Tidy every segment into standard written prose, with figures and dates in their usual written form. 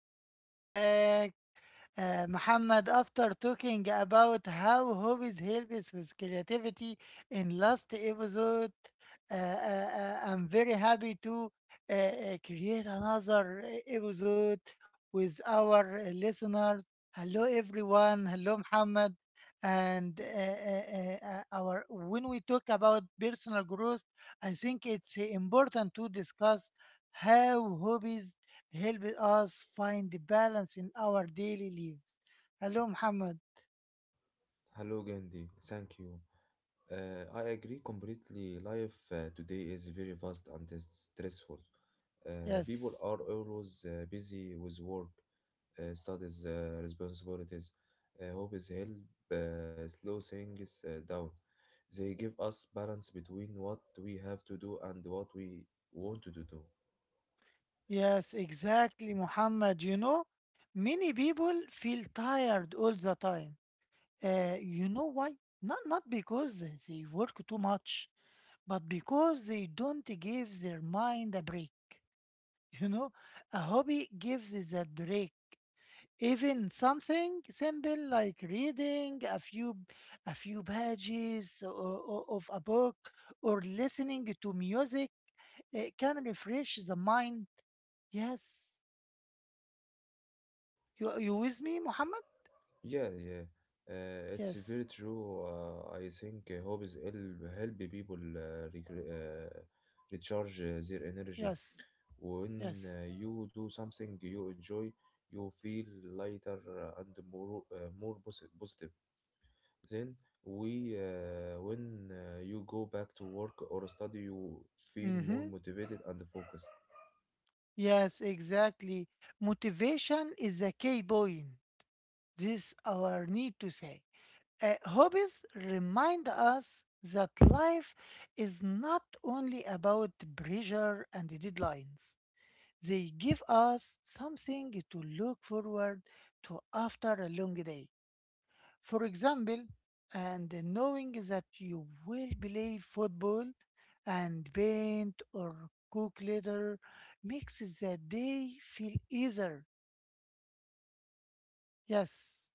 welcome back. Muhammad, after talking about how hobbies help us with creativity in last episode, I'm very happy to create another episode with our listeners. Hello, everyone. Hello, Muhammad. And our when we talk about personal growth, I think it's important to discuss how hobbies help us find the balance in our daily lives. Hello, Muhammad. Hello, Gandhi. Thank you. I agree completely. Life today is very fast and it's stressful. People Yes, are always busy with work, studies, responsibilities. Hobbies help slow things down. They give us balance between what we have to do and what we want to do. yes, exactly, Muhammad. You know, many people feel tired all the time. You know why? Not because they work too much, but because they don't give their mind a break. You know, a hobby gives that break, even something simple like reading a few pages of a book or listening to music. It can refresh the mind. Yes. You with me, Muhammad? Yeah, yeah, it's very Yes, true. I think hobbies help people recharge their energy. yes, When yes. you do something you enjoy, you feel lighter and more positive. Then we when you go back to work or study, you feel more Mhm. motivated and focused. Yes, exactly. Motivation is a key point. This our need to say. Hobbies remind us that life is not only about pressure and deadlines. They give us something to look forward to after a long day. For example, and knowing that you will play football and paint or cook later makes the day feel easier. Yes.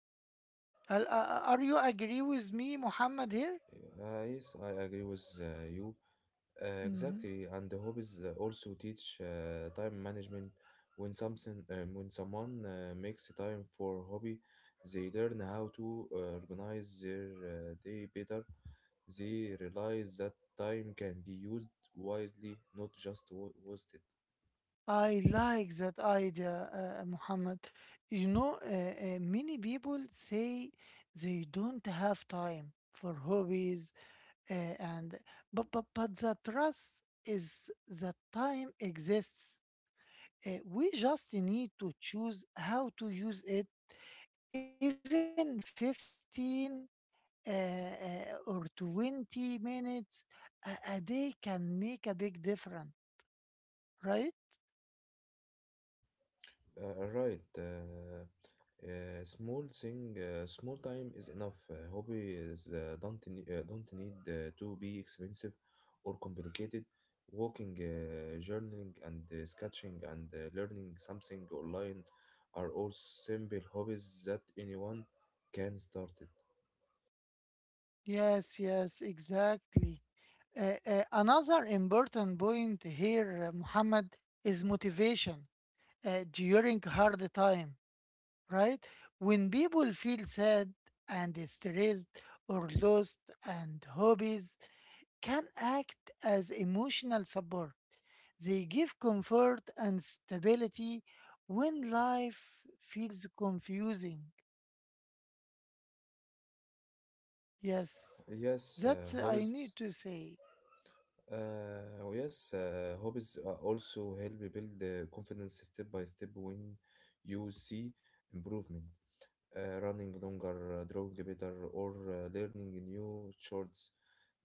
Are you agree with me, Muhammad, here? Yes, I agree with you. Uh, Mm-hmm. exactly, and the hobbies also teach time management. When someone makes time for hobby, they learn how to organize their day better. They realize that time can be used wisely, not just wasted. I like that idea, Muhammad. You know, many people say they don't have time for hobbies, and but the trust is that time exists. We just need to choose how to use it. Even 15 uh, uh, or 20 minutes a day can make a big difference, right? Right. Small time is enough. Hobby is, don't need to be expensive or complicated. Walking, journaling, and sketching, and learning something online are all simple hobbies that anyone can start it. Yes, yes, exactly. Another important point here, Muhammad, is motivation during hard time, right? When people feel sad and stressed or lost, and hobbies can act as emotional support. They give comfort and stability when life feels confusing. Yes, Yes, that's I hobbies. need to say. Yes, Hobbies also help you build confidence step by step when you see improvement. Running longer, drawing better, or learning new chords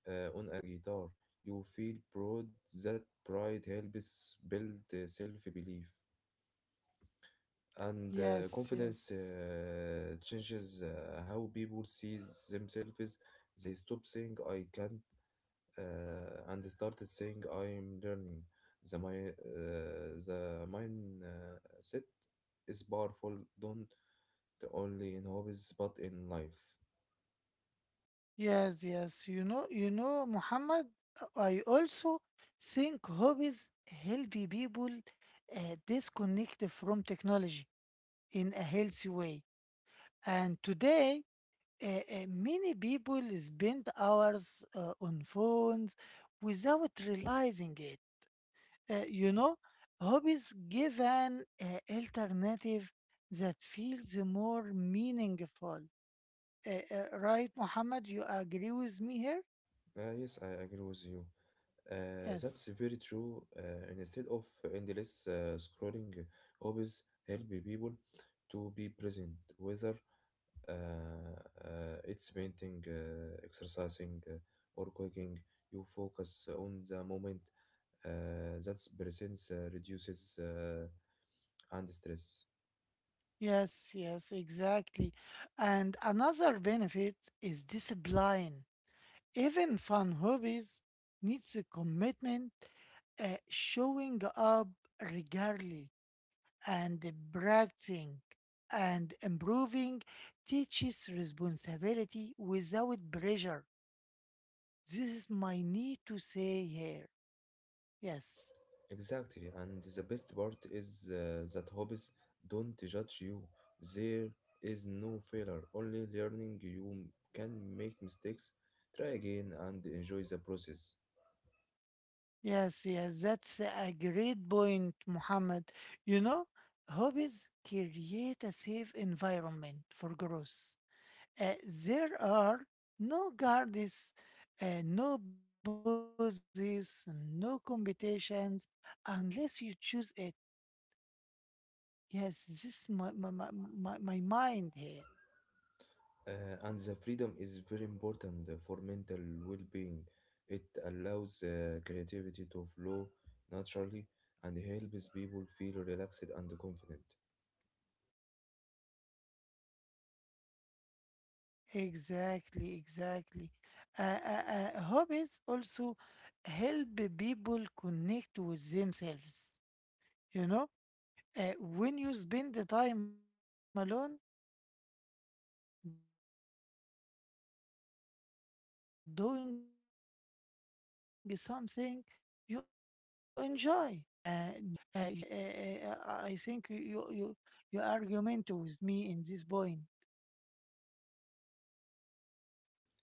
on a guitar. You feel proud. That pride helps build self-belief and Yes, confidence. yes. Changes how people see themselves. They stop saying "I can't" and start saying "I'm learning." The mindset is powerful. Don't only in hobbies but in life. Yes, yes. You know, Muhammad, I also think hobbies help people uh, disconnect from technology in a healthy way. And today, many people spend hours on phones without realizing it. You know, hobbies give an alternative that feels more meaningful. Uh, right, Muhammad, you agree with me here? Yes, I agree with you. That's Yes, very true. Instead of endless scrolling, hobbies help people to be present, whether uh, it's painting, exercising, or cooking. You focus on the moment. That's presence reduces and stress. yes, yes, exactly. And another benefit is discipline. Even fun hobbies needs a commitment, showing up regularly and practicing and improving teaches responsibility without pressure. This is my need to say here. Yes. Exactly, and the best part is that hobbies don't judge you. There is no failure, only learning. You can make mistakes, try again, and enjoy the process. Yes, yes, that's a great point, Muhammad. You know, hobbies create a safe environment for growth. Uh, there are no guards, no bosses, no competitions, unless you choose it. Yes, this is my mind here. And the freedom is very important for mental well being. It allows creativity to flow naturally and helps people feel relaxed and confident. Exactly, exactly. Uh, Hobbies also help people connect with themselves, you know? When you spend the time alone doing something you enjoy, you understand yourself better, uh, you interested, your strengths and your patience. I think you argument with me in this point,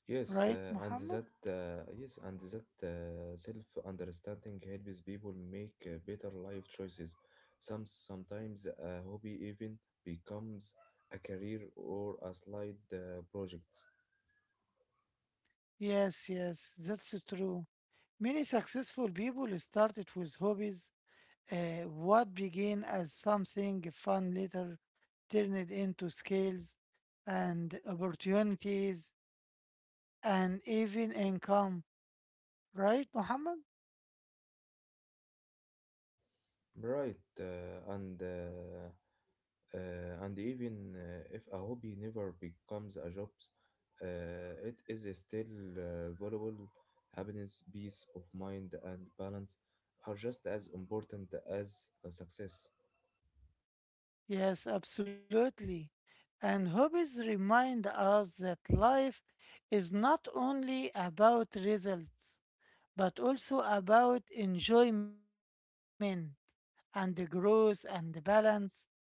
Yes, uh, right, and that Muhammad? uh, yes, and that self-understanding helps people make better life choices. Sometimes a hobby even becomes a career or a side project. Yes, yes, that's true. Many successful people started with hobbies. What began as something fun later turned into skills and opportunities and even income, right, Muhammad? Right, and even if a hobby never becomes a job, it is still valuable. Happiness, peace of mind, and balance are just as important as success. Yes, absolutely. And hobbies remind us that life is not only about results, but also about enjoyment and the growth and the balance, like that.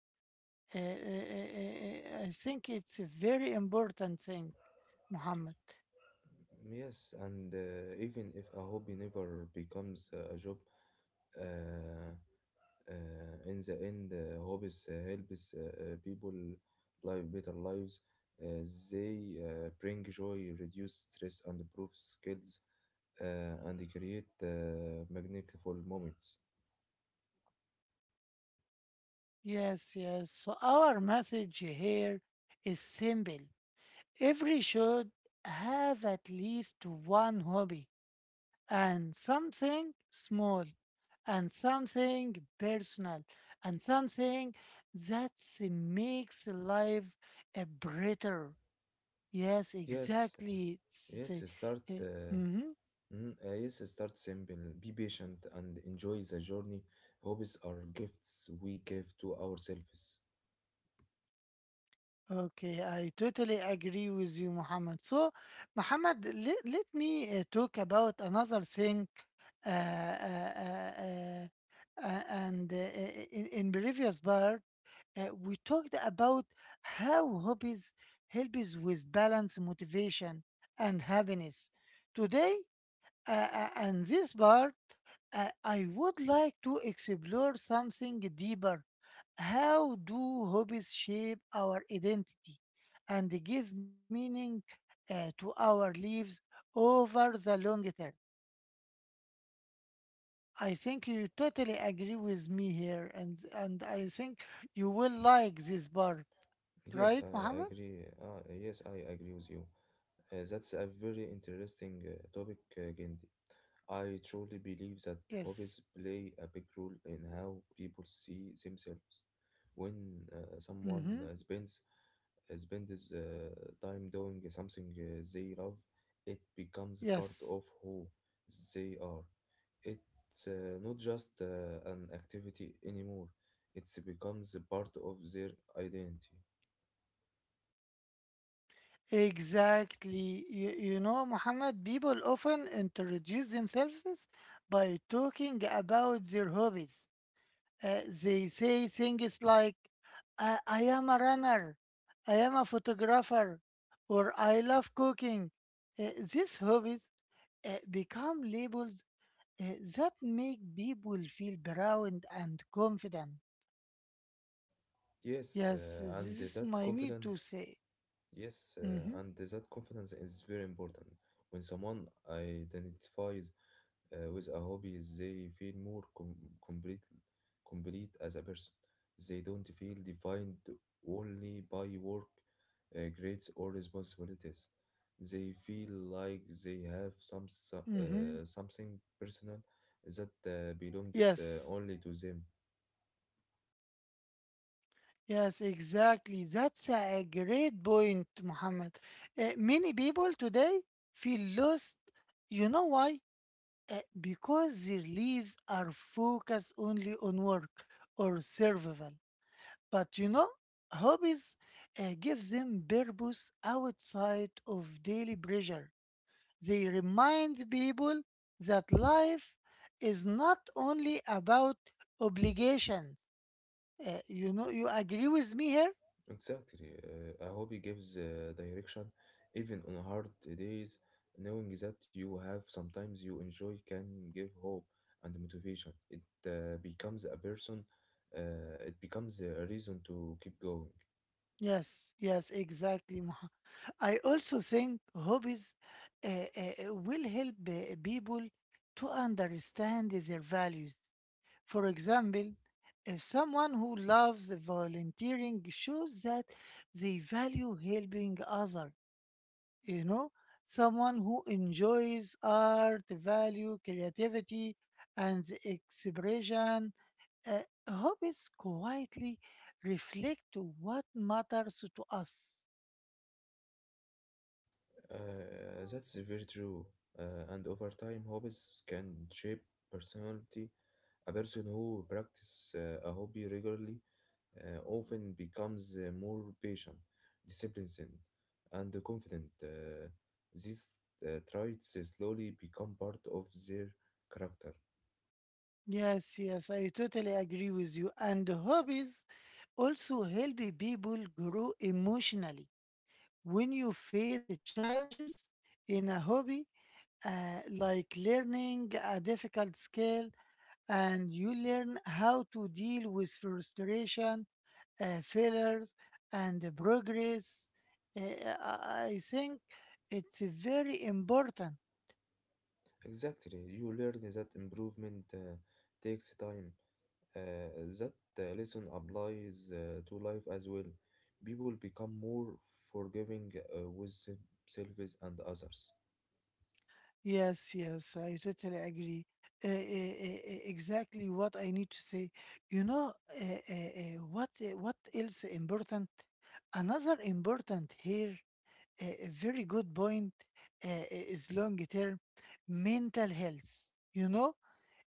I think it's a very important thing, Muhammad. Yes, and even if a hobby never becomes a job, uh, uh, in the end, hobbies helps people live better lives. Uh, they bring joy, reduce stress, and improve skills, and create magnificent moments. Yes, yes. So our message here is simple. Every should have at least one hobby and something small and something personal and something that makes life a brighter. Yes, Yes, exactly. It's, yes, uh, start. uh, mm-hmm. Yes, start simple. Be patient and enjoy the journey. Hobbies are gifts we give to ourselves. Okay, I totally agree with you, Muhammad. So, Muhammad, let me talk about another thing. Uh, uh, uh, and In previous part, we talked about how hobbies help us with balance, motivation, and happiness. Today, and this part, I would like to explore something deeper. How do hobbies shape our identity and give meaning to our lives over the long term? I think you totally agree with me here, and I think you will like this bar, Yes, right, I Mohammed? agree. Yes, I agree with you. That's a very interesting topic, Gandhi. I truly believe that Yes. hobbies play a big role in how people see themselves. When someone Mm-hmm. Spends time doing something they love, it becomes part Yes. of who they are. It's not just an activity anymore; it becomes a part of their identity. Exactly. You know, Mohammed, people often introduce themselves by talking about their hobbies. They say things like, I am a runner, I am a photographer, or I love cooking. These hobbies become labels that make people feel proud and confident. Yes, Yes, uh, this and is that my need confidence, to say. yes, uh, Mm-hmm, and that confidence is very important. When someone identifies with a hobby, they feel more com complete, complete as a person. They don't feel defined only by work, grades, or responsibilities. They feel like they have mm-hmm. something personal that belongs Yes, only to them. yes, exactly. That's a great point, Muhammad. Many people today feel lost. You know why? Because their lives are focused only on work or survival. But you know, hobbies give them purpose outside of daily pressure. They remind people that life is not only about obligations. You know, you agree with me here? Exactly. A hobby gives direction even on hard days. Knowing that you have sometimes you enjoy can give hope and motivation. Uh, becomes a person, it becomes a reason to keep going. Yes, yes, exactly. Moha. I also think hobbies will help people to understand their values. For example, if someone who loves volunteering shows that they value helping others, you know, someone who enjoys art, value creativity, and the expression. uh, Hobbies quietly reflect what matters to us. That's very true. And over time, hobbies can shape personality. A person who practices a hobby regularly often becomes more patient, disciplined, and confident. These traits slowly become part of their character. Yes, yes, I totally agree with you. And hobbies also help people grow emotionally. When you face challenges in a hobby, like learning a difficult skill, and you learn how to deal with frustration, failures, and the progress. Uh, I think it's very important. Exactly, you learn that improvement takes time. Uh, that lesson applies to life as well. People become more forgiving with themselves and others. Yes, yes, I totally agree. Exactly what I need to say. You know, uh, what else important? Another important here, a very good point, is long term mental health. You know,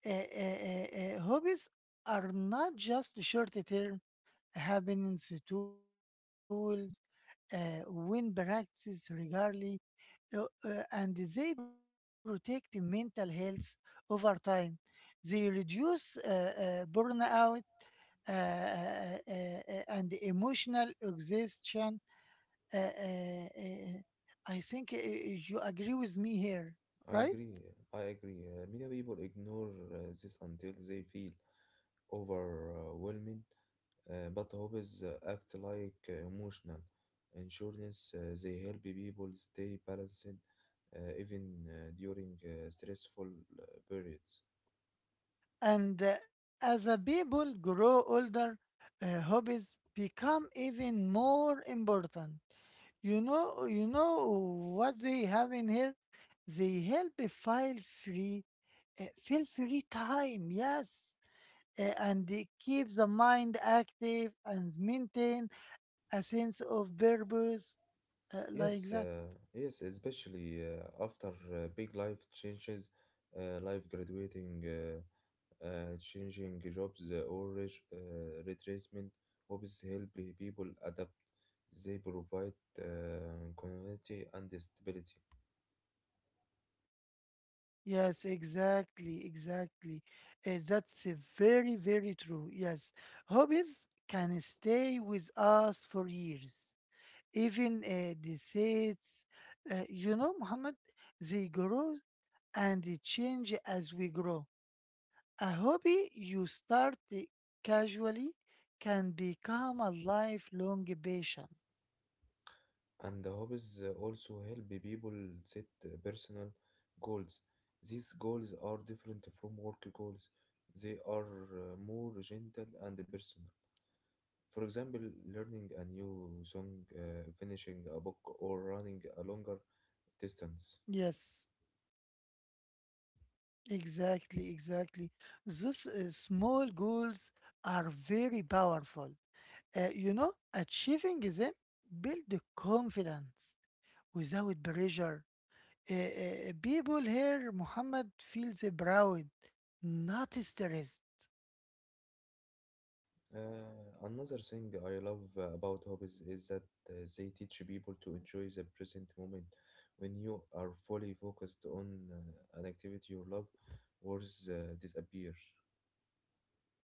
hobbies are not just short-term happenings, tools, when practices regularly, and they protect mental health over time. They reduce burnout and emotional exhaustion. Uh, uh, uh, I think you agree with me here, I right? agree, I agree. Many people ignore this until they feel overwhelming, but hobbies act like emotional insurance. They help people stay balanced even during stressful periods. And as a people grow older, hobbies become even more important. You know what they have in here. They help free, feel free time. Yes. And they keep the mind active and maintain a sense of purpose, like Yes, that. uh, yes, especially after big life changes, life graduating, changing jobs or retracement, hobbies help people adapt. They provide uh, continuity and stability. Yes, exactly, exactly. That's very, very true. Yes, hobbies can stay with us for years, even the seeds. You know, Muhammad, they grow and they change as we grow. A hobby you start casually can become a lifelong passion. And the hobbies also help people set personal goals. These goals are different from work goals. They are more gentle and personal. For example, learning a new song, finishing a book, or running a longer distance. Yes. Exactly, exactly. Those small goals are very powerful. You know, achieving them build the confidence without pressure. People here, Muhammad, feels proud, not stressed. Another thing I love about hobbies is that they teach people to enjoy the present moment. When you are fully focused on an activity you love, words disappear.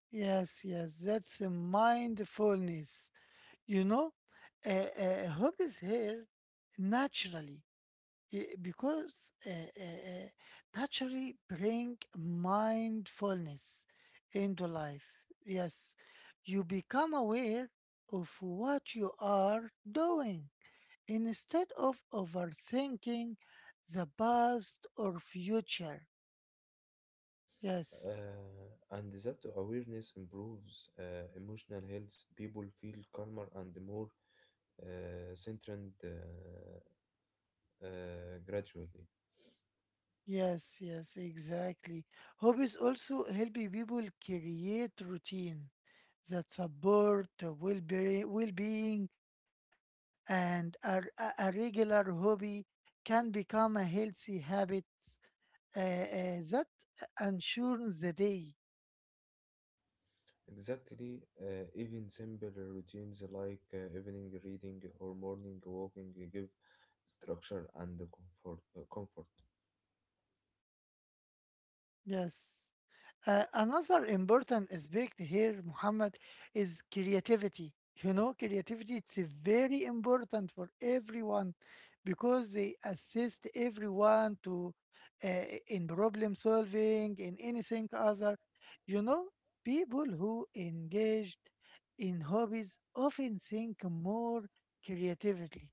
Yes, yes, that's a mindfulness. You know, hope is here naturally. Yeah, because naturally bring mindfulness into life. Yes, you become aware of what you are doing instead of overthinking the past or future. Yes. And that awareness improves emotional health. People feel calmer and more centered gradually. Yes, yes, exactly. Hobbies also helping people create routine that support well-being, and a regular hobby can become a healthy habit that ensures the day. Exactly, even simple routines like evening reading or morning walking give structure and comfort. Yes. Another important aspect here, Muhammad, is creativity. You know, creativity it's very important for everyone because they assist everyone to uh, in problem solving, in anything other. You know, people who engaged in hobbies often think more creatively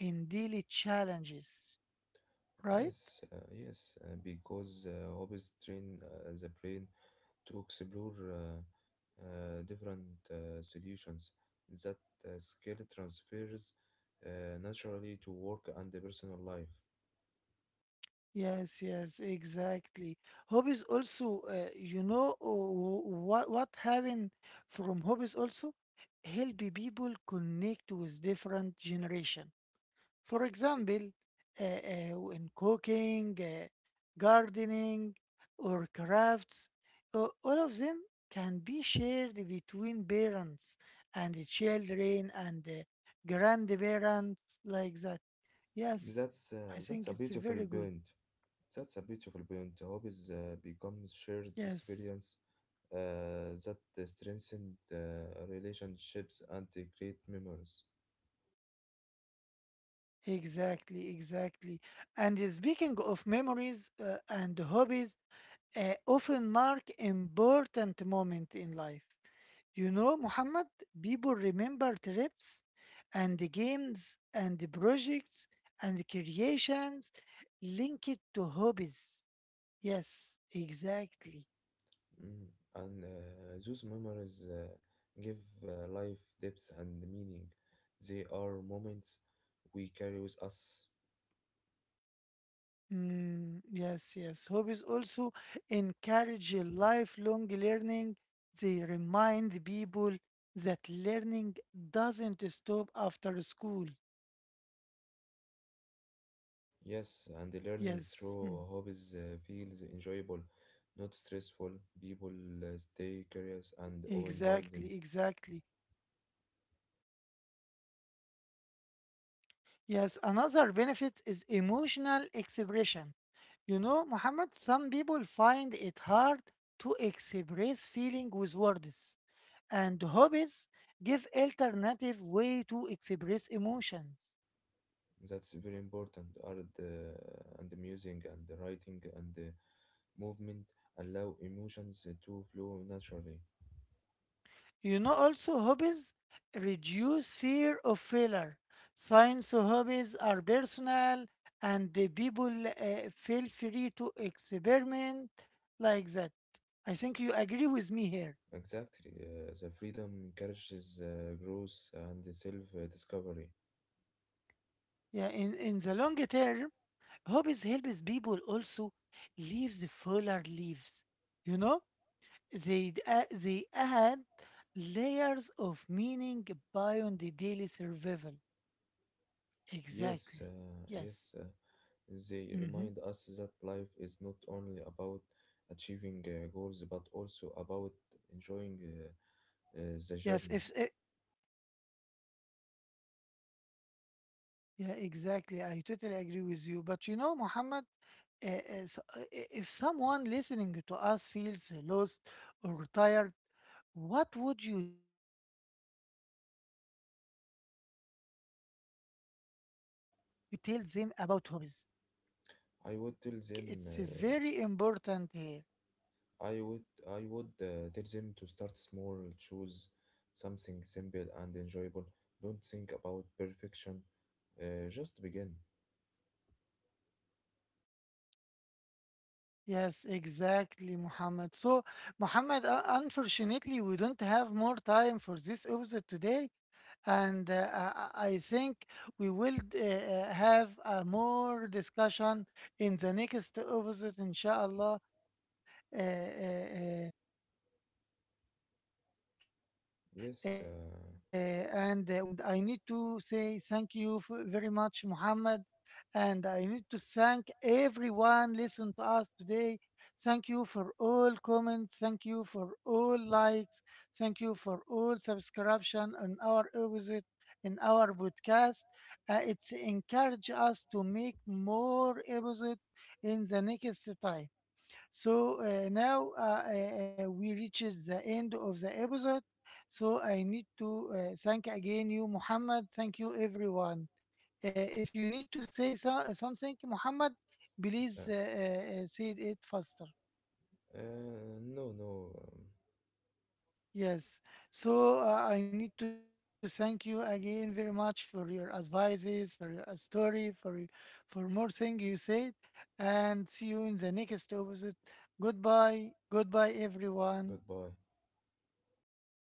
in daily challenges, right? Yes, because hobbies train the brain to explore different solutions that skill transfers naturally to work and the personal life. Yes, yes, exactly. Hobbies also, you know, what having from hobbies also help people connect with different generation. For example, in cooking, gardening, or crafts, all of them can be shared between parents and the children and the grandparents, like that. Yes, That's I uh, think it's that's a very beautiful good. point. That's a beautiful point. Hobbies become shared Yes. experience that strengthen relationships and they create memories. Exactly, exactly. And speaking of memories and hobbies, often mark important moment in life. You know, Muhammad, people remember trips and the games and the projects and the creations linked to hobbies. Yes, exactly. Mm, and those memories give life depth and meaning. They are moments we carry with us. Mm, yes, yes. Hobbies also encourage a lifelong learning. They remind people that learning doesn't stop after school. Yes, and the learning through Yes, hobbies mm, feels enjoyable, not stressful. People stay curious and open-minded. exactly, exactly. Yes, another benefit is emotional expression. You know, Muhammad, some people find it hard to express feeling with words, and hobbies give alternative way to express emotions. That's very important. Art and the music and the writing and movement allow emotions to flow naturally. You know, also hobbies reduce fear of failure. Science hobbies are personal, and the people feel free to experiment like that. I think you agree with me here. Exactly. The freedom encourages growth and self-discovery. Yeah, in the long term, hobbies helps people also leave the fuller lives. You know, they add layers of meaning beyond the daily survival. Yes, Exactly. uh, yes. uh, Yes. They Mm-hmm. remind us that life is not only about achieving goals but also about enjoying Yes, if it, the journey. yeah, exactly. I totally agree with you. But you know, Muhammad, if someone listening to us feels lost or tired, what would you tell them about hobbies? You agree with me? I think it's I very would tell them. important here. I would. I would tell them to start small. Choose something simple and enjoyable. Don't think about perfection. Just begin. Yes, exactly, Muhammad. So, Muhammad, unfortunately, we don't have more time for this episode today. And I think we will have a more discussion in the next episode, inshallah. Uh, uh, uh, and We are happy to for your Yes. attend today. And I need to say thank you for very much, Muhammad. And I need to thank everyone listen to us today. Thank you for all comments. Thank you for all likes. Thank you for all subscription on our episode in our podcast. It's encourage us to make more episode in the next time. So now we reaches the end of the episode. So I need to thank again you, Muhammad. Thank you, everyone. Uh, if you need to say something, Muhammad, please uh, say it faster. Uh, no, no, Yes. So I need to thank you again very much for your advices, for your story, for more things you said, and see you in the next episode. Goodbye. Goodbye, everyone. goodbye.